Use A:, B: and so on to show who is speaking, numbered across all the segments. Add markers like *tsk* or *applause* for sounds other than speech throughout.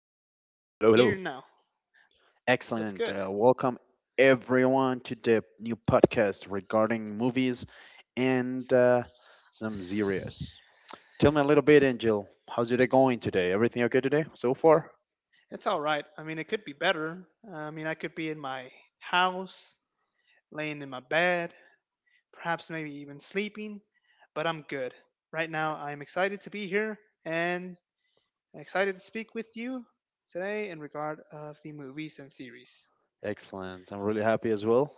A: hello.
B: yeah, I can hear you now.
A: Excellent.
B: What's good?
A: Welcome, everyone, to the new podcast regarding movies and some series. Tell me a little bit, Angel. How's your day going today? Everything okay today so far?
B: It's all right. I mean, it could be better. I mean, I could be in my house, laying in my bed, perhaps maybe even sleeping, but I'm good. Right now, I'm excited to be here and excited to speak with you today in regard of the movies and series.
A: Excellent. I'm really happy as well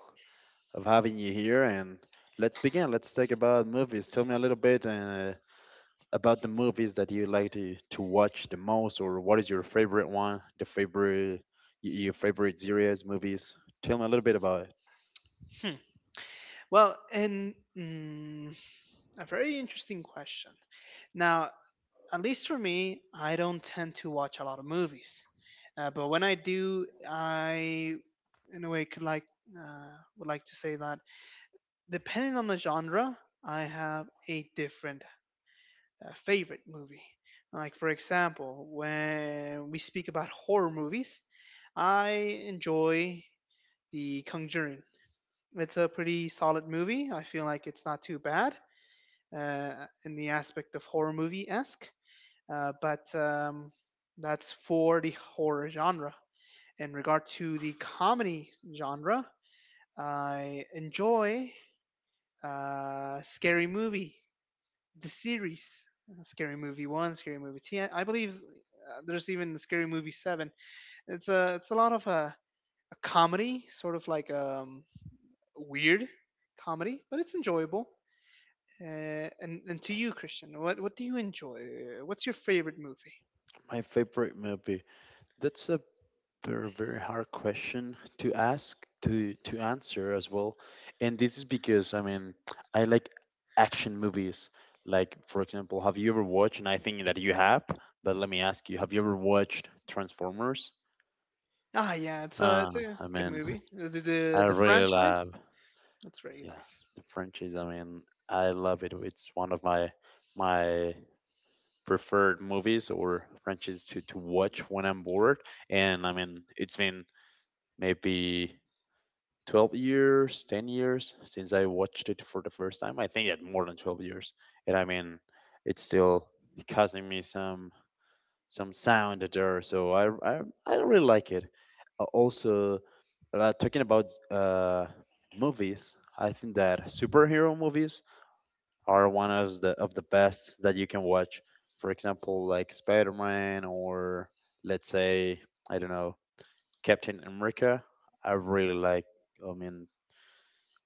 A: of having you here. And let's begin. Let's talk about movies. Tell me a little bit about the movies that you like to watch the most, or what is your favorite one, the favorite your favorite series, movies. Tell me a little bit about it.
B: Hmm. Well, a very interesting question. Now, at least for me, I don't tend to watch a lot of movies. But when I do, I, in a way, could like uh, would like to say that depending on the genre, I have a different favorite movie. Like for example, when we speak about horror movies, I enjoy The Conjuring. It's a pretty solid movie. I feel like it's not too bad uh, in the aspect of horror movie esque. But That's for the horror genre. In regard to the comedy genre, I enjoy Scary Movie, the series. Scary Movie 1, Scary Movie 2. I believe there's even Scary Movie 7. It's a lot of a comedy, sort of like weird comedy, but it's enjoyable. And to you, Christian, what do you enjoy? What's your favorite movie?
A: My favorite movie. That's a They're a very hard question to ask to answer as well, and this is because I mean I like action movies. Like for example, have you ever watched? And I think that you have, but let me ask you: have you ever watched Transformers?
B: Ah, yeah, it's a
A: Ah,
B: it's a
A: I
B: good
A: mean,
B: movie. The the,
A: I
B: the
A: really
B: franchise,
A: love
B: that's really
A: yeah
B: nice.
A: the franchise. I mean, I love it. It's one of my preferred movies or franchises to watch when I'm bored. And I mean, it's been maybe 12 years 10 years since I watched it for the first time. I think that more than 12 years, and I mean it's still causing me some sound there, so I really like it. Also, talking about movies, I think that superhero movies are one of the best that you can watch, for example like Spider-Man, or let's say I don't know, Captain America. I really like, I mean,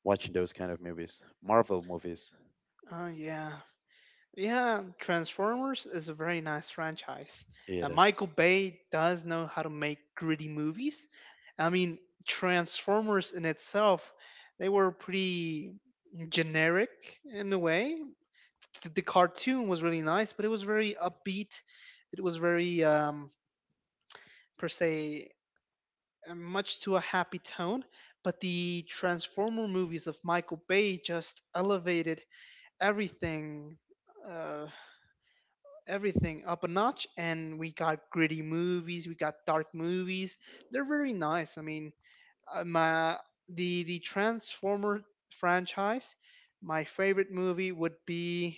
A: watching those kind of movies, Marvel movies.
B: Oh yeah, yeah. Transformers is a very nice franchise.
A: It is
B: Michael Bay does know how to make gritty movies. I mean, Transformers in itself, they were pretty generic in a way. The cartoon was really nice, but it was very upbeat. It was very Per se. Much to a happy tone, but the Transformer movies of Michael Bay just elevated everything uh, everything up a notch, and we got gritty movies, we got dark movies. They're very nice. I mean, my the Transformer franchise, my favorite movie would be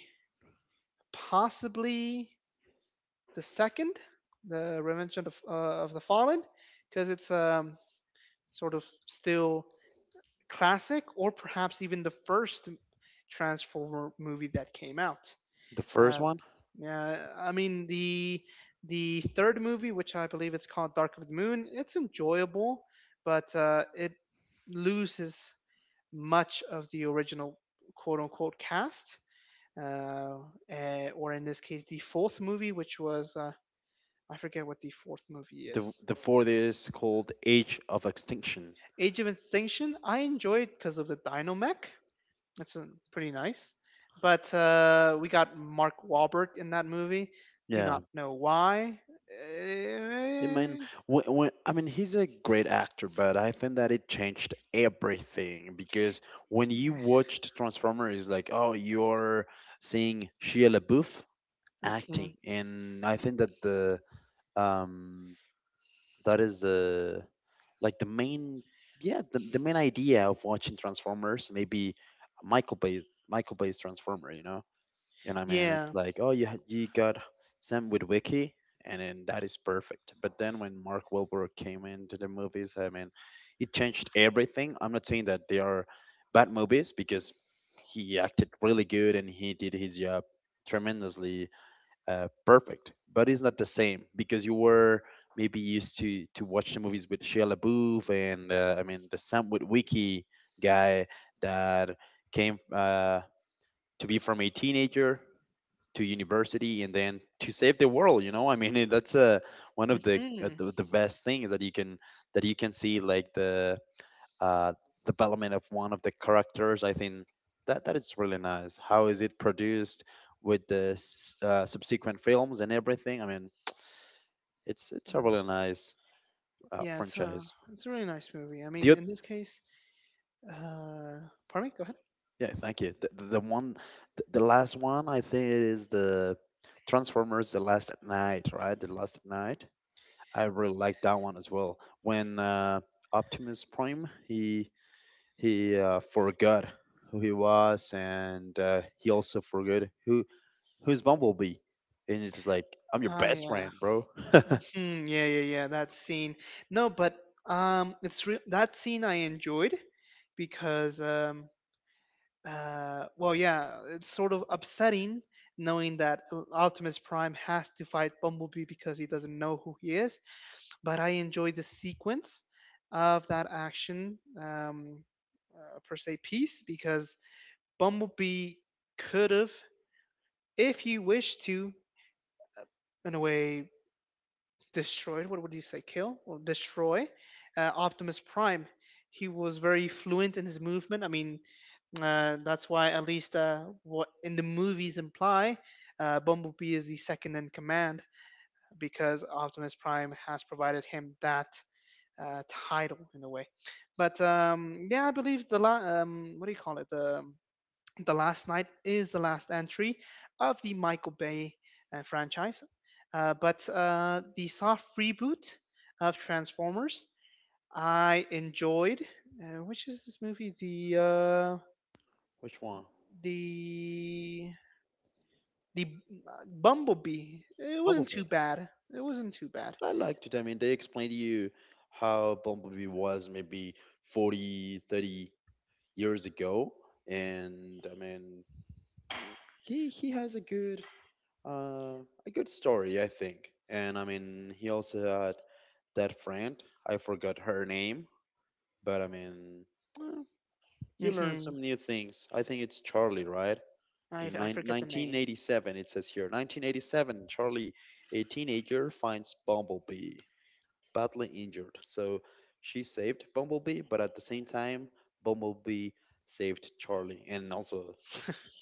B: possibly the second, the Revenge of the Fallen, because it's sort of still classic, or perhaps even the first Transformer movie that came out.
A: the first
B: Uh,
A: one.
B: yeah, I mean the third movie, which I believe it's called Dark of the Moon, it's enjoyable, but it loses much of the original quote unquote cast. Uh, or in this case, the fourth movie, which was I forget what the fourth movie is.
A: The fourth is called Age of Extinction.
B: Age of Extinction, I enjoyed because of the Dino Mech. That's pretty nice. But we got Mark Wahlberg in that movie. Do
A: Yeah,
B: not know why.
A: I mean,
B: Eh,
A: when, I mean, he's a great actor, but I think that it changed everything because when you
B: yeah.
A: watched Transformers, it's like, oh, you're seeing Shia LaBeouf
B: Mhm.
A: acting, and I think that the um that is the like the main yeah the main idea of watching Transformers, maybe a michael bay Michael Bay's transformer, you know, you know what I mean. It's
B: Yeah.
A: like, oh, you got Sam with Wiki, and then that is perfect, but then when Mark Wahlberg came into the movies, I mean, it changed everything. I'm not saying that they are bad movies because he acted really good and he did his job tremendously, perfect, but it's not the same because you were maybe used to watch the movies with Shia LaBeouf, and I mean the Sam with Wiki guy that came to be from a teenager to university and then to save the world. You know, I mean *laughs* that's one of
B: Hmm.
A: the best things that you can see, like the uh, development of one of the characters. I think that that is really nice. How is it produced with the subsequent films and everything? I mean, it's a really nice
B: Yeah, it's a
A: franchise.
B: it's a really nice movie. I
A: The
B: mean,
A: oth-
B: in this case, uh, pardon me. Go ahead.
A: yeah, thank you. The one, the last one, I think it is the Transformers: The Last Night, right? The Last Night. I really like that one as well. When Optimus Prime, he forgot who he was, and he also forgot who's Bumblebee? And it's like, I'm your
B: Ah,
A: best
B: yeah.
A: friend, bro. *laughs*
B: Mhm. Yeah, yeah, yeah. That scene. No, but it's real. That scene I enjoyed because well, yeah, it's sort of upsetting knowing that Optimus Prime has to fight Bumblebee because he doesn't know who he is. But I enjoy the sequence of that action per se piece because Bumblebee could have, if he wished to, in a way, destroyed, what would you say, kill or destroy Optimus Prime. He was very fluent in his movement. I mean, that's why, at least what in the movies imply, Bumblebee is the second in command because Optimus Prime has provided him that title in a way. But yeah, I believe the what do you call it, the Last Night is the last entry of the Michael Bay franchise, but the soft reboot of Transformers I enjoyed. Which is this movie? The
A: Which one?
B: the the Bumblebee. It wasn't too
A: Bumblebee.
B: bad. It wasn't too bad.
A: I liked it. I mean, they explained to you how Bumblebee was maybe 40, 30 years ago. And I mean, he has uh a good story, I think. And I mean, he also had that friend. I forgot her name, but I mean, eh, you learn
B: Hmm.
A: some new things. I think it's Charlie, right? In
B: I
A: nine
B: forget the name.
A: 1987, it says here 1987, Charlie, a teenager, finds Bumblebee badly injured. So she saved Bumblebee, but at the same time, Bumblebee saved Charlie. And also,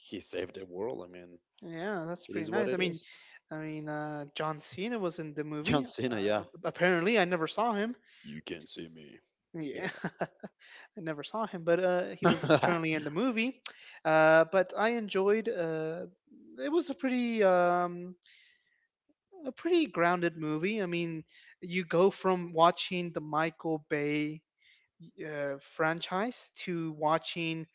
A: he saved the world. I mean,
B: Yeah, that's
A: it
B: pretty
A: is what
B: nice.
A: it
B: I mean,
A: is.
B: John Cena was in the
A: *laughs* John
B: movie.
A: Cena, yeah.
B: Apparently, I never saw him.
A: You can see me.
B: Yeah.
A: Yeah.
B: *laughs* I never saw him, but he was
A: *laughs*
B: apparently in the movie. But I enjoyed. It was a pretty grounded movie. I mean, you go from watching the Michael Bay franchise to watching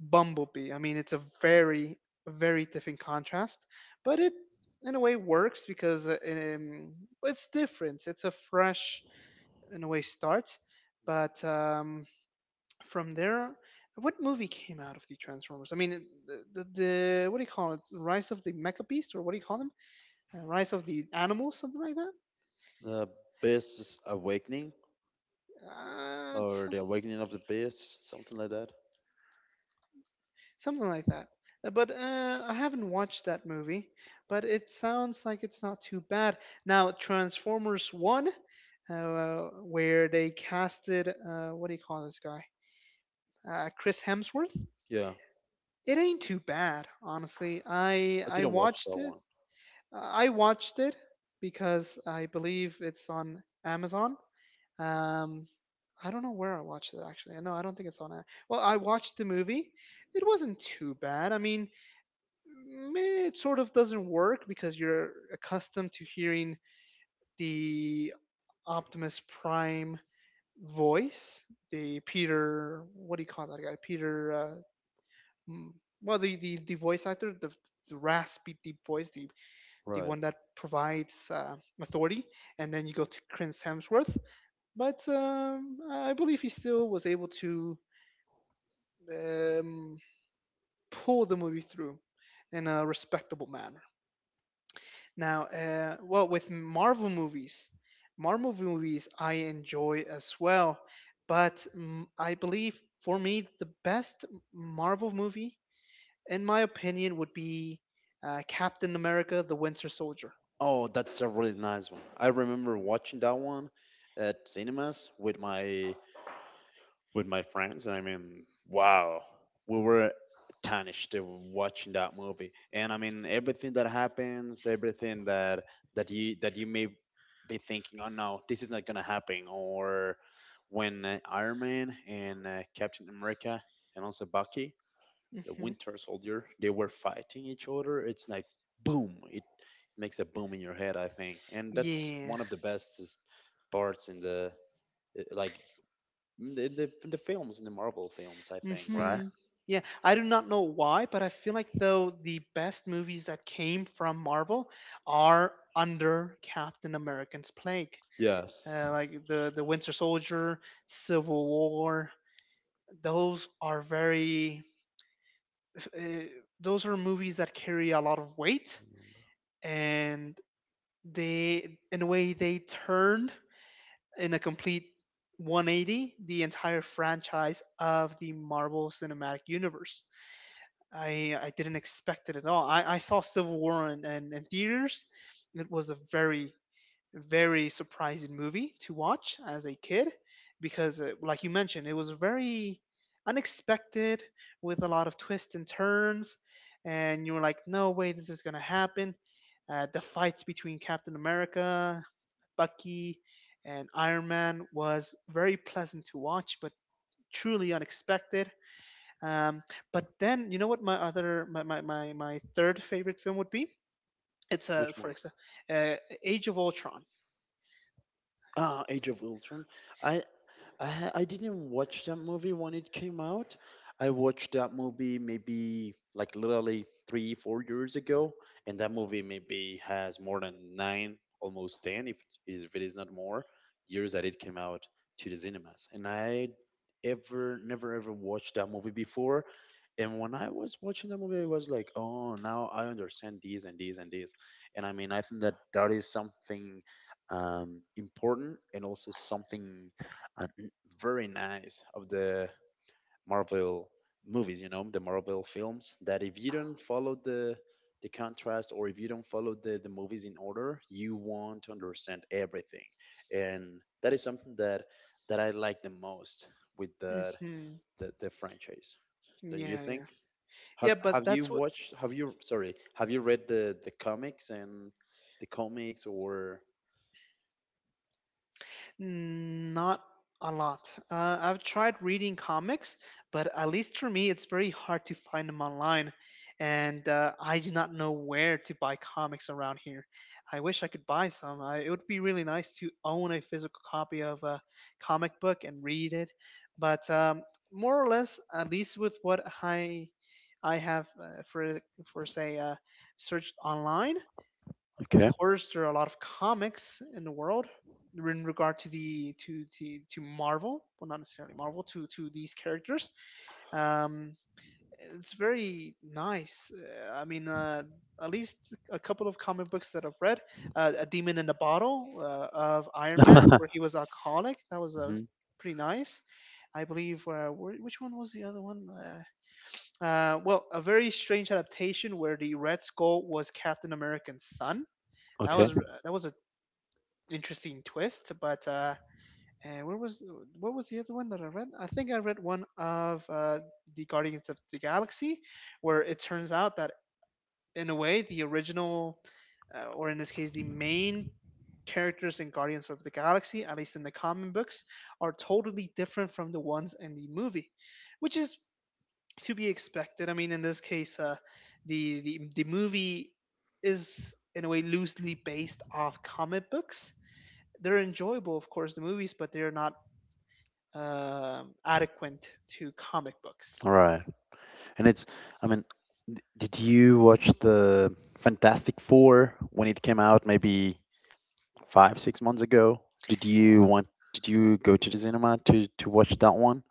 B: Bumblebee. I mean, it's a very different contrast, but it in a way works because it's different. It's a fresh in a way start, but from there, what movie came out of the Transformers? I mean, the, the what do you call it? Rise of the Mecha Beast, or what do you call them? Rise of the Animals, something like that.
A: The Beast's Awakening,
B: Uh, it's
A: or
B: some-
A: The Awakening of the Beast, something like that.
B: Something like that. But I haven't watched that movie, but it sounds like it's not too bad. Now, Transformers One, where they casted what do you call this guy? Chris Hemsworth.
A: Yeah.
B: It ain't too bad, honestly.
A: I didn't watch that one.
B: I watched it because I believe it's on Amazon. Um, I don't know where I watched it actually. No, I don't think it's on. Well, I watched the movie. It wasn't too bad. I mean, meh, it sort of doesn't work because you're accustomed to hearing the Optimus Prime voice, the Peter. What do you call that guy? Mm, well, the, the voice actor, the raspy deep voice, the
A: Right.
B: one that provides authority, and then you go to Chris Hemsworth. But I believe he still was able to um, pull the movie through in a respectable manner. Now, well, with Marvel movies I enjoy as well, but I believe for me the best Marvel movie, in my opinion, would be Captain America: The Winter Soldier.
A: Oh, that's a really nice one. I remember watching that one at cinemas with my friends. I mean, wow, we were astonished to watching that movie. And I mean, everything that happens, everything that that you may be thinking, oh no, this is not gonna happen, or when Iron Man and Captain America, and also Bucky the
B: Hmm.
A: Winter Soldier, they were fighting each other. It's like boom! It makes a boom in your head, I think, and that's
B: Yeah.
A: one of the bestest parts in the like in the films in the Marvel films, I think, right?
B: Hmm. Yeah, I do not know why, but I feel like though the best movies that came from Marvel are under Captain American's plague,
A: Yes.
B: like the Winter Soldier, Civil War. Those are very uh, those are movies that carry a lot of weight, and they turned in a complete 180 the entire franchise of the Marvel Cinematic Universe. I didn't expect it at all. I saw Civil War in, in theaters. It was a very surprising movie to watch as a kid because, like you mentioned, it was very unexpected with a lot of twists and turns, and you were like, "No way, this is gonna happen." The fights between Captain America, Bucky, and Iron Man was very pleasant to watch, but truly unexpected. um, but then, you know what my other my my my, my third favorite film would be? It's
A: Which
B: for
A: one?
B: example, uh, Age of Ultron.
A: Ah, Age of Ultron. I I didn't watch that movie when it came out. I watched that movie maybe like literally 3, 4 years ago, and that movie maybe has more than 9, almost 10, if it is not more, years that it came out to the cinemas. And I ever, never ever watched that movie before. And when I was watching the movie, I was like, "Oh, now I understand this and this and this." And I mean, I think that that is something important, and also something uh, very nice of the Marvel movies, you know, the Marvel films, that if you don't follow the contrast, or if you don't follow the movies in order, you won't understand everything. And that is something that I like the most with the
B: Hmm.
A: the franchise. Don't you
B: Yeah, yeah,
A: think?
B: yeah.
A: Have
B: But
A: have you
B: that's what.
A: watched, have you, sorry, have you read the comics and the comics or
B: Mm, not a lot. I've tried reading comics, but at least for me, it's very hard to find them online, and I do not know where to buy comics around here. I wish I could buy some. I, it would be really nice to own a physical copy of a comic book and read it, but more or less, at least with what I have for say searched online, of
A: Okay.
B: course, there are a lot of comics in the world in regard to the to Marvel, well, not necessarily Marvel, to these characters. Um, it's very nice. At least a couple of comic books that I've read, A Demon in a Bottle of Iron Man, where
A: *laughs*
B: he was alcoholic. That was a
A: Mhm.
B: pretty nice. I believe which one was the other one? Well, a very strange adaptation where the Red Skull was Captain America's son. That
A: Okay.
B: was a interesting twist. But and where was what was the other one that I read? I think I read one of the Guardians of the Galaxy, where it turns out that in a way the original, or in this case the main characters in Guardians of the Galaxy, at least in the comic books, are totally different from the ones in the movie, which is to be expected. I mean, in this case, the, the movie is in a way loosely based off comic books. They're enjoyable, of course, the movies, but they're not adequate to comic books.
A: All right. And it's, I mean, did you watch the Fantastic Four when it came out maybe 5, 6 months ago? Did you want, did you go to the cinema to watch that one?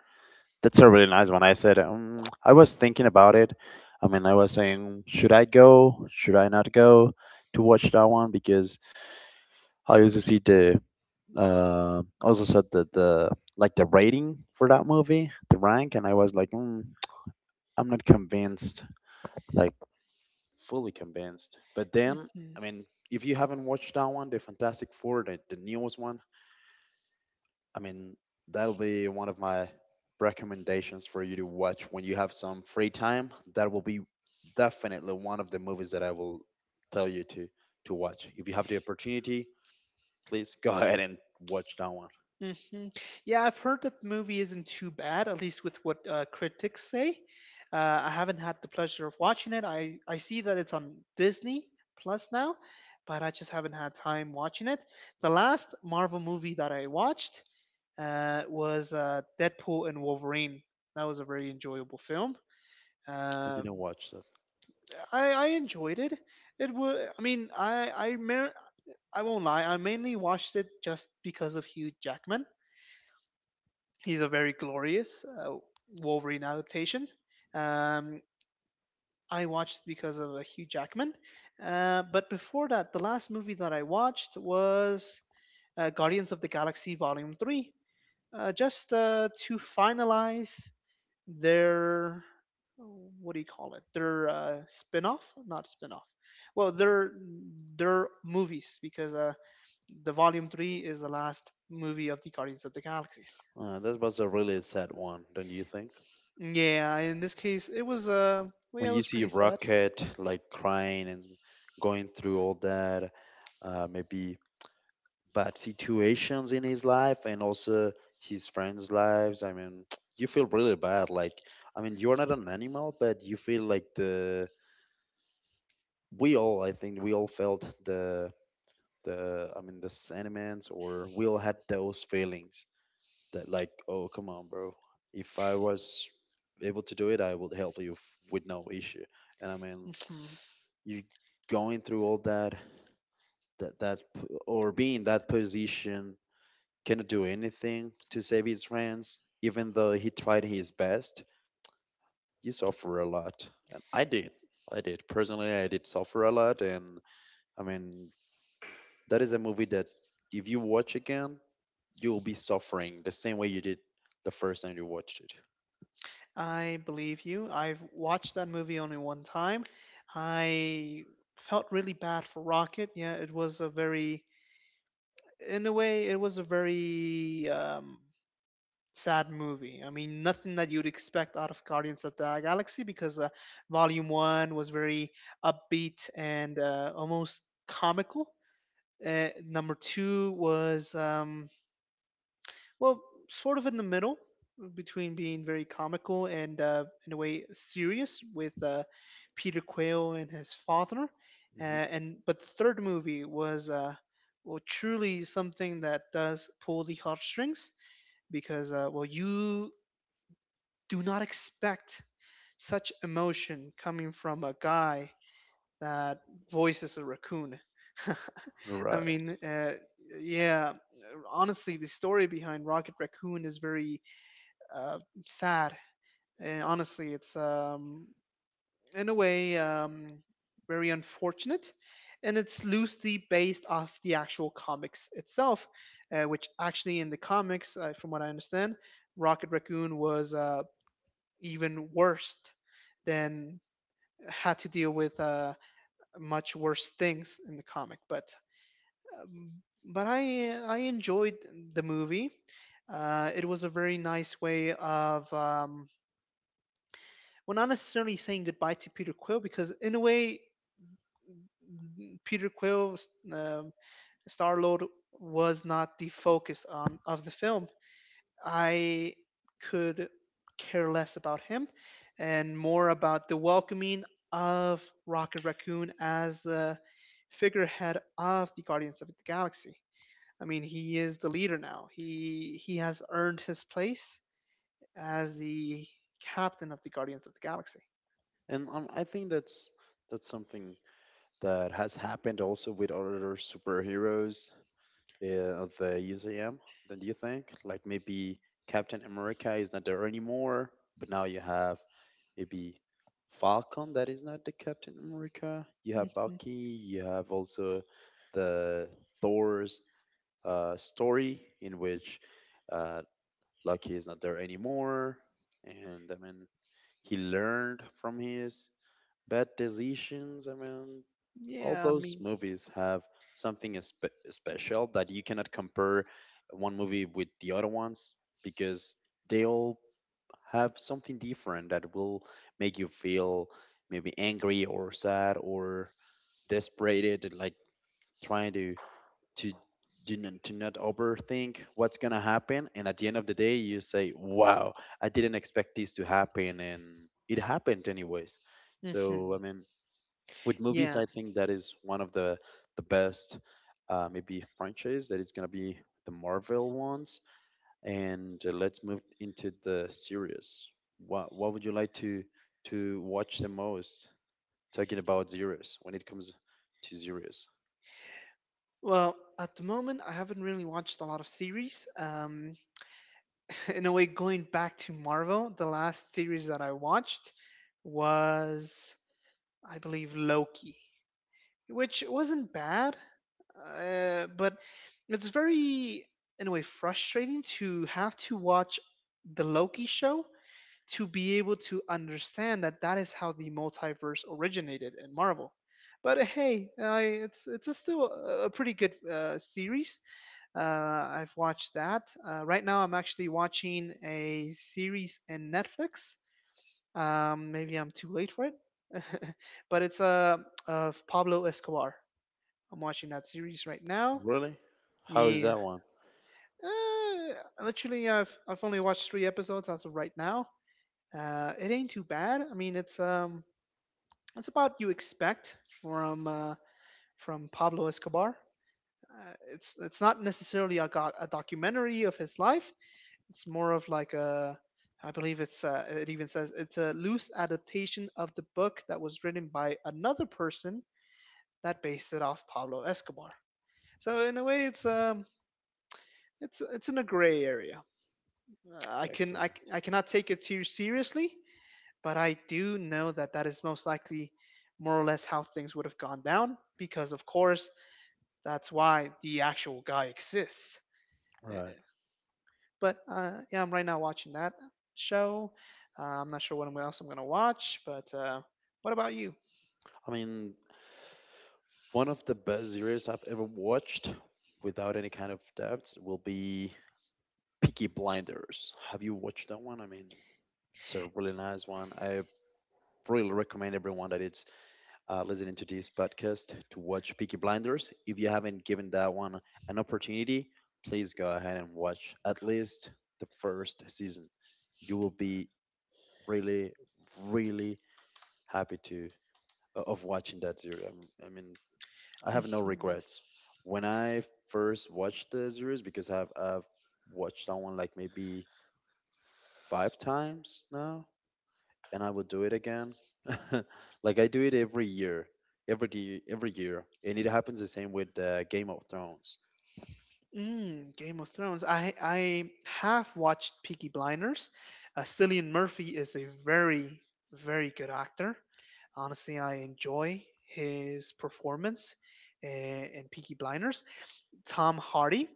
A: That's a really nice one. I said, I was thinking about it. I mean, I was saying, should I go? Should I not go to watch that one? Because I also see the, also said that the, like the rating for that movie, the rank, and I was like, mm, I'm not convinced like fully convinced. But then, I
B: Hmm.
A: mean, if you haven't watched that one, the Fantastic Four, the newest one, I mean, that'll be one of my recommendations for you to watch when you have some free time. That will be definitely one of the movies that I will tell you to watch. If you have the opportunity, please go *laughs* ahead and watch that one.
B: Hmm. Yeah, I've heard that the movie isn't too bad, at least with what critics say. I haven't had the pleasure of watching it. I see that it's on Disney Plus now, but I just haven't had time watching it. The last Marvel movie that I watched was Deadpool and Wolverine. That was a very enjoyable film.
A: I didn't
B: Um
A: watch that.
B: I enjoyed it. It was. I mean, I won't lie. I mainly watched it just because of Hugh Jackman. He's a very glorious Wolverine adaptation. Um, I watched because of Hugh Jackman. But before that, the last movie that I watched was Guardians of the Galaxy Volume Three. Just to finalize their, what do you call it? Their spin-off, not spin-off. Well, their movies because the Volume Three is the last movie of the Guardians of the Galaxies.
A: That was a really sad one, don't you think?
B: Yeah, in this case, it was well, yeah,
A: When
B: it
A: you
B: was
A: see
B: pretty sad.
A: Rocket like crying and going through all that, maybe bad situations in his life, and also his friends' lives. I mean, *tsk* you feel really bad. Like, I mean, you're not an animal, but you feel like the we all. I think we all felt the the. I mean, the sentiments, or we all had those feelings that, like, oh, come on, bro. If I was able to do it, I would help you with no issue. And I mean,
B: hmm
A: *tsk* you going through all that or being that position cannot do anything to save his friends, even though he tried his best. You suffer a lot, and I did. I did personally. I did suffer a lot, and I mean that is a movie that if you watch again, you will be suffering the same way you did the first time you watched it.
B: I believe you. I've watched that movie only one time. I felt really bad for Rocket. Yeah, it was a very, in a way, it was a very sad movie. I mean, nothing that you'd expect out of Guardians of the Galaxy because Volume 1 was very upbeat and almost comical. Number 2 was, well, sort of in the middle between being very comical and, in a way, serious with Peter Quill and his father.
A: Hmm.
B: And But the third movie was, well, truly something that does pull the heartstrings because well, you do not expect such emotion coming from a guy that voices a raccoon. *laughs* I
A: Right,
B: mean, uh, yeah, honestly, the story behind Rocket Raccoon is very uh, sad. And honestly, it's in a way, very unfortunate. And it's loosely based off the actual comics itself, which actually in the comics, from what I understand, Rocket Raccoon was even worse than, had to deal with much worse things in the comic. Um, but I enjoyed the movie. It was a very nice way of well, not necessarily saying goodbye to Peter Quill because in a way, Peter Quill, um Star Lord was not the focus on of the film. I could care less about him and more about the welcoming of Rocket Raccoon as the figurehead of the Guardians of the Galaxy. I mean, he is the leader now. He has earned his place as the captain of the Guardians of the Galaxy.
A: and I think that's something that has happened also with other superheroes, of the USAM, then do you think? Like maybe Captain America is not there anymore, but now you have maybe Falcon that is not the Captain America. You have
B: hmm
A: Bucky, you have also the Thor's story, in which uh, Loki is not there anymore. And I mean, he learned from his bad decisions. I mean, all
B: Yeah, I
A: those
B: mean,
A: movies have something special that you cannot compare one movie with the other ones because they all have something different that will make you feel maybe angry or sad or desperated, like trying to do not, to not overthink what's gonna happen, and at the end of the day you say, wow, I didn't expect this to happen, and it happened anyways.
B: hmm
A: So I mean, with movies,
B: yeah.
A: I think that is one of the best maybe franchise that is gonna be the Marvel ones. And let's move into the series. What would you like to watch the most? Talking about series, when it comes to series,
B: Well, at the moment, I haven't really watched a lot of series. In a way, going back to Marvel, the last series that I watched was, I believe, Loki, which wasn't bad, but it's very, in a way, frustrating to have to watch the Loki show to be able to understand that that is how the multiverse originated in Marvel. But hey, it's a still a pretty good series. Uh, I've watched that. Right now, I'm actually watching a series in Netflix. Maybe I'm too late for it, *laughs* but it's of Pablo Escobar. I'm watching that series right now.
A: really, how is
B: Yeah,
A: that one?
B: literally, I've only watched three episodes as of right now. It ain't too bad. I mean, it's about you expect from Pablo Escobar. It's not necessarily a, go- a documentary of his life. It's more of like a, I believe it's it even says it's a loose adaptation of the book that was written by another person that based it off Pablo Escobar. So in a way, it's it's in a gray area. I can
A: Excellent.
B: I I cannot take it too seriously, but I do know that that is most likely more or less how things would have gone down because, of course, that's why the actual guy exists. Eh,
A: Right.
B: But yeah, I'm right now watching that show. I'm not sure what else I'm going to watch, but what about you?
A: I mean, one of the best series I've ever watched, without any kind of doubts, will be Peaky Blinders. Have you watched that one? I mean, it's a really nice one. I really recommend everyone that is listening to this podcast to watch Peaky Blinders. If you haven't given that one an opportunity, please go ahead and watch at least the first season. You will be really, really happy to of watching that series. I mean, I have no
B: *laughs*
A: regrets. When I first watched the series, because I've watched that one like maybe five times now, and I will do it again. *laughs* Like I do it every year, every day, every year, and it happens the same with Game of Thrones.
B: Mm, Game of Thrones. I have watched Peaky Blinders. Cillian Murphy is a very very good actor. Honestly, I enjoy his performance in Peaky Blinders. Tom Hardy.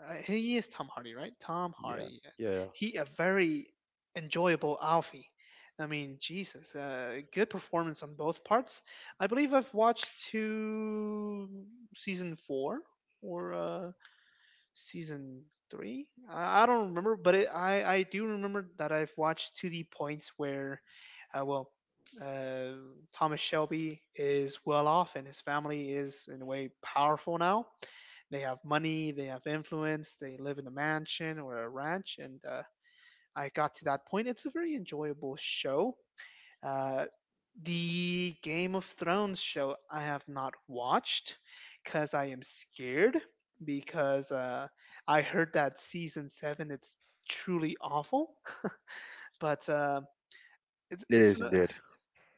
B: He is Tom Hardy, right? Tom
A: Yeah,
B: Hardy. Yeah.
A: yeah,
B: He a very enjoyable Alfie. I mean, Jesus, good performance on both parts. I believe I've watched two season four or season three. I don't remember, but I do remember that I've watched to the point where, well, uh, Thomas Shelby is well off and his family is in a way powerful now. They have money, they have influence, they live in a mansion or a ranch, and I got to that point. It's a very enjoyable show. Uh, the Game of Thrones show I have not watched because I am scared because I heard that season seven it's truly awful. *laughs* But it's
A: it
B: it's
A: is
B: an,
A: indeed.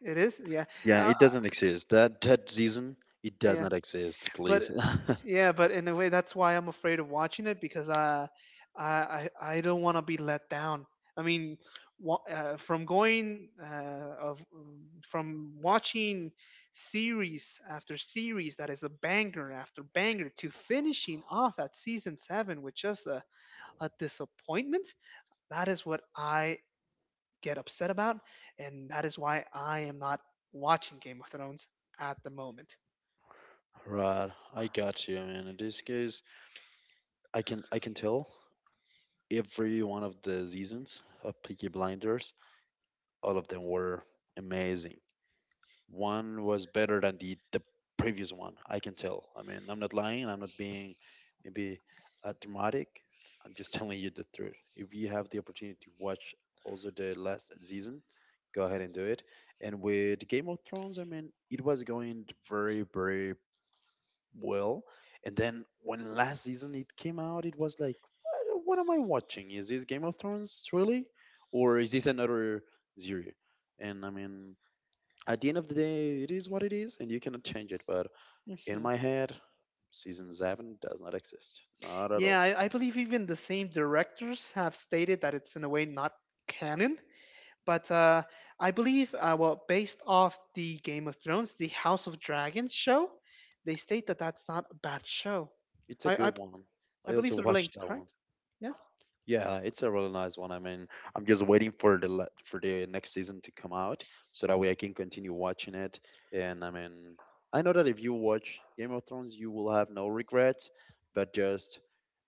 B: it is, yeah.
A: Yeah,
B: Uh,
A: it doesn't exist. That season, it does
B: yeah
A: not exist.
B: but
A: Please. *laughs*
B: yeah, but in a way, that's why I'm afraid of watching it because I don't want to be let down. I mean, from going of from watching series after series that is a banger after banger to finishing off at season seven with just a disappointment. That is what I get upset about, and that is why I am not watching Game of Thrones at the moment.
A: Right, I got you, man. In this case, I can tell every one of the seasons of Peaky Blinders, all of them were amazing. One was better than the previous one. I can tell. I mean, I'm not lying. I'm not being maybe dramatic. I'm just telling you the truth. If you have the opportunity to watch also the last season, go ahead and do it. And with Game of Thrones, I mean, it was going very, very well. And then when last season it came out, it was like, what am I watching? Is this Game of Thrones really, or is this another zero? And I mean, at the end of the day, it is what it is, and you cannot change it. But in my head, season seven does not exist. Not at all.
B: Yeah, I believe even the same directors have stated that it's in a way not canon. But I believe, well, based off the Game of Thrones, the House of Dragons show, they state that that's not a bad show.
A: It's a
B: I, I,
A: good one.
B: I
A: I also *laughs*
B: believe they're
A: watched
B: linked,
A: that one.
B: correct? Yeah.
A: Yeah, it's a really nice one. I mean, I'm just waiting for the for the next season to come out so that way I can continue watching it. And I mean, I know that if you watch Game of Thrones, you will have no regrets, but just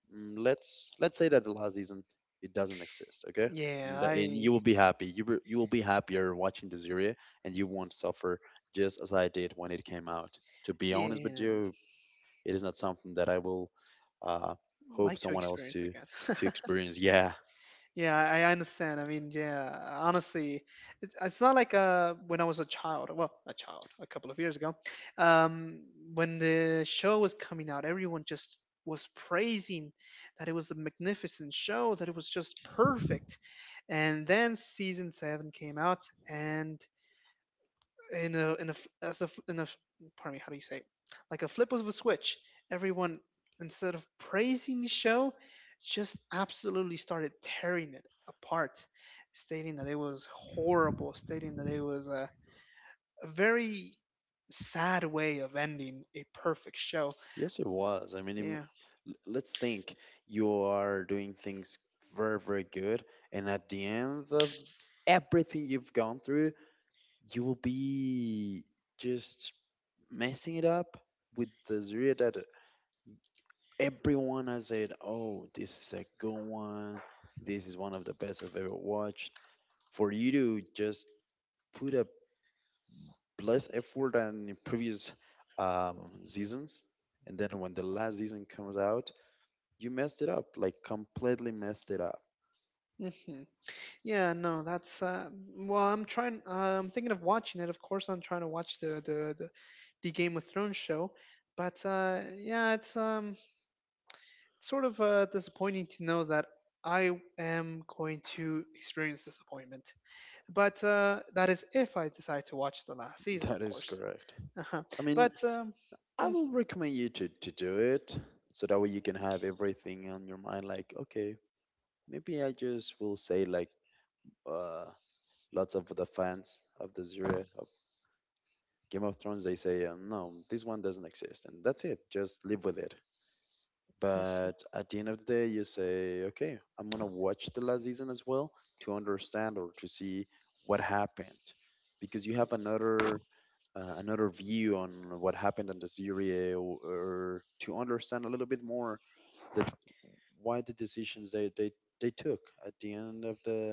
A: let's say that Al isn't it doesn't exist, okay? And,
B: Yeah,
A: and you
B: I,
A: will be happy. You will be happier watching the series, and you won't suffer just as I did when it came out. To be honest with
B: yeah,
A: you, it is not something that I will uh, hope
B: like to
A: someone else
B: experience again.
A: to
B: *laughs*
A: experience. Yeah,
B: Yeah, I understand. I mean, yeah, honestly, it's not like when I was a child, well, a child, a couple of years ago, um, when the show was coming out, everyone just was praising that it was a magnificent show, that it was just perfect. And then season seven came out, and in a as a f- in a f- pardon me, how do you say it? Like a flip of a switch, everyone, instead of praising the show, just absolutely started tearing it apart, stating that it was horrible, stating that it was a very sad way of ending a perfect show.
A: yes, it was. I mean,
B: Yeah.
A: let's think. You are doing things very, very good, and at the end of everything you've gone through, you will be just messing it up with the Zria that everyone has said, oh, this is a good one. This is one of the best I've ever watched. For you to just put a less effort than in previous seasons, and then when the last season comes out, you messed it up, like completely messed it up.
B: hmm yeah, no that's well I'm trying, I'm thinking of watching it, of course. I'm trying to watch the Game of Thrones show, but yeah, it's disappointing to know that I am going to experience disappointment. But that is if I decide to watch the last
A: *laughs*
B: season,
A: That
B: of
A: is
B: course.
A: correct.
B: Uh-huh.
A: I mean,
B: But
A: I will recommend you to do it so that way you can have everything on your mind like, okay, maybe I just will say like uh, lots of the fans of the zero of Game of Thrones they say no this one doesn't exist and that's it, just live with it.
B: *laughs*
A: But at the end of the day you say okay I'm gonna watch the last season as well to understand or to see what happened because you have another another view on what happened on the series or to understand a little bit more that why the decisions they took at the end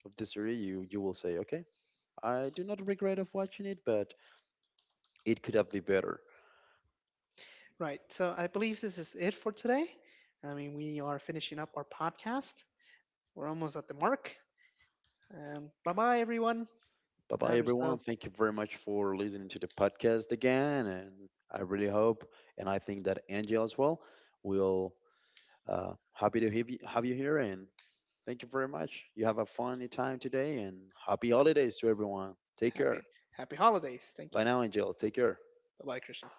A: of the series, you will say okay, I do not regret of watching it, but it could have been better.
B: right, so I believe this is it for today. I mean, we are finishing up our podcast. We're almost at the mark. Bye bye, everyone.
A: Bye bye
B: Have
A: everyone,
B: yourself
A: thank you very much for listening to the podcast again, and I really hope and I think that Angel as well will happy to have you here. And thank you very much, you have a funny time today and happy holidays to everyone, take care.
B: happy happy holidays. Thank
A: Bye
B: you.
A: now Angel, take care.
B: Bye bye, Christian.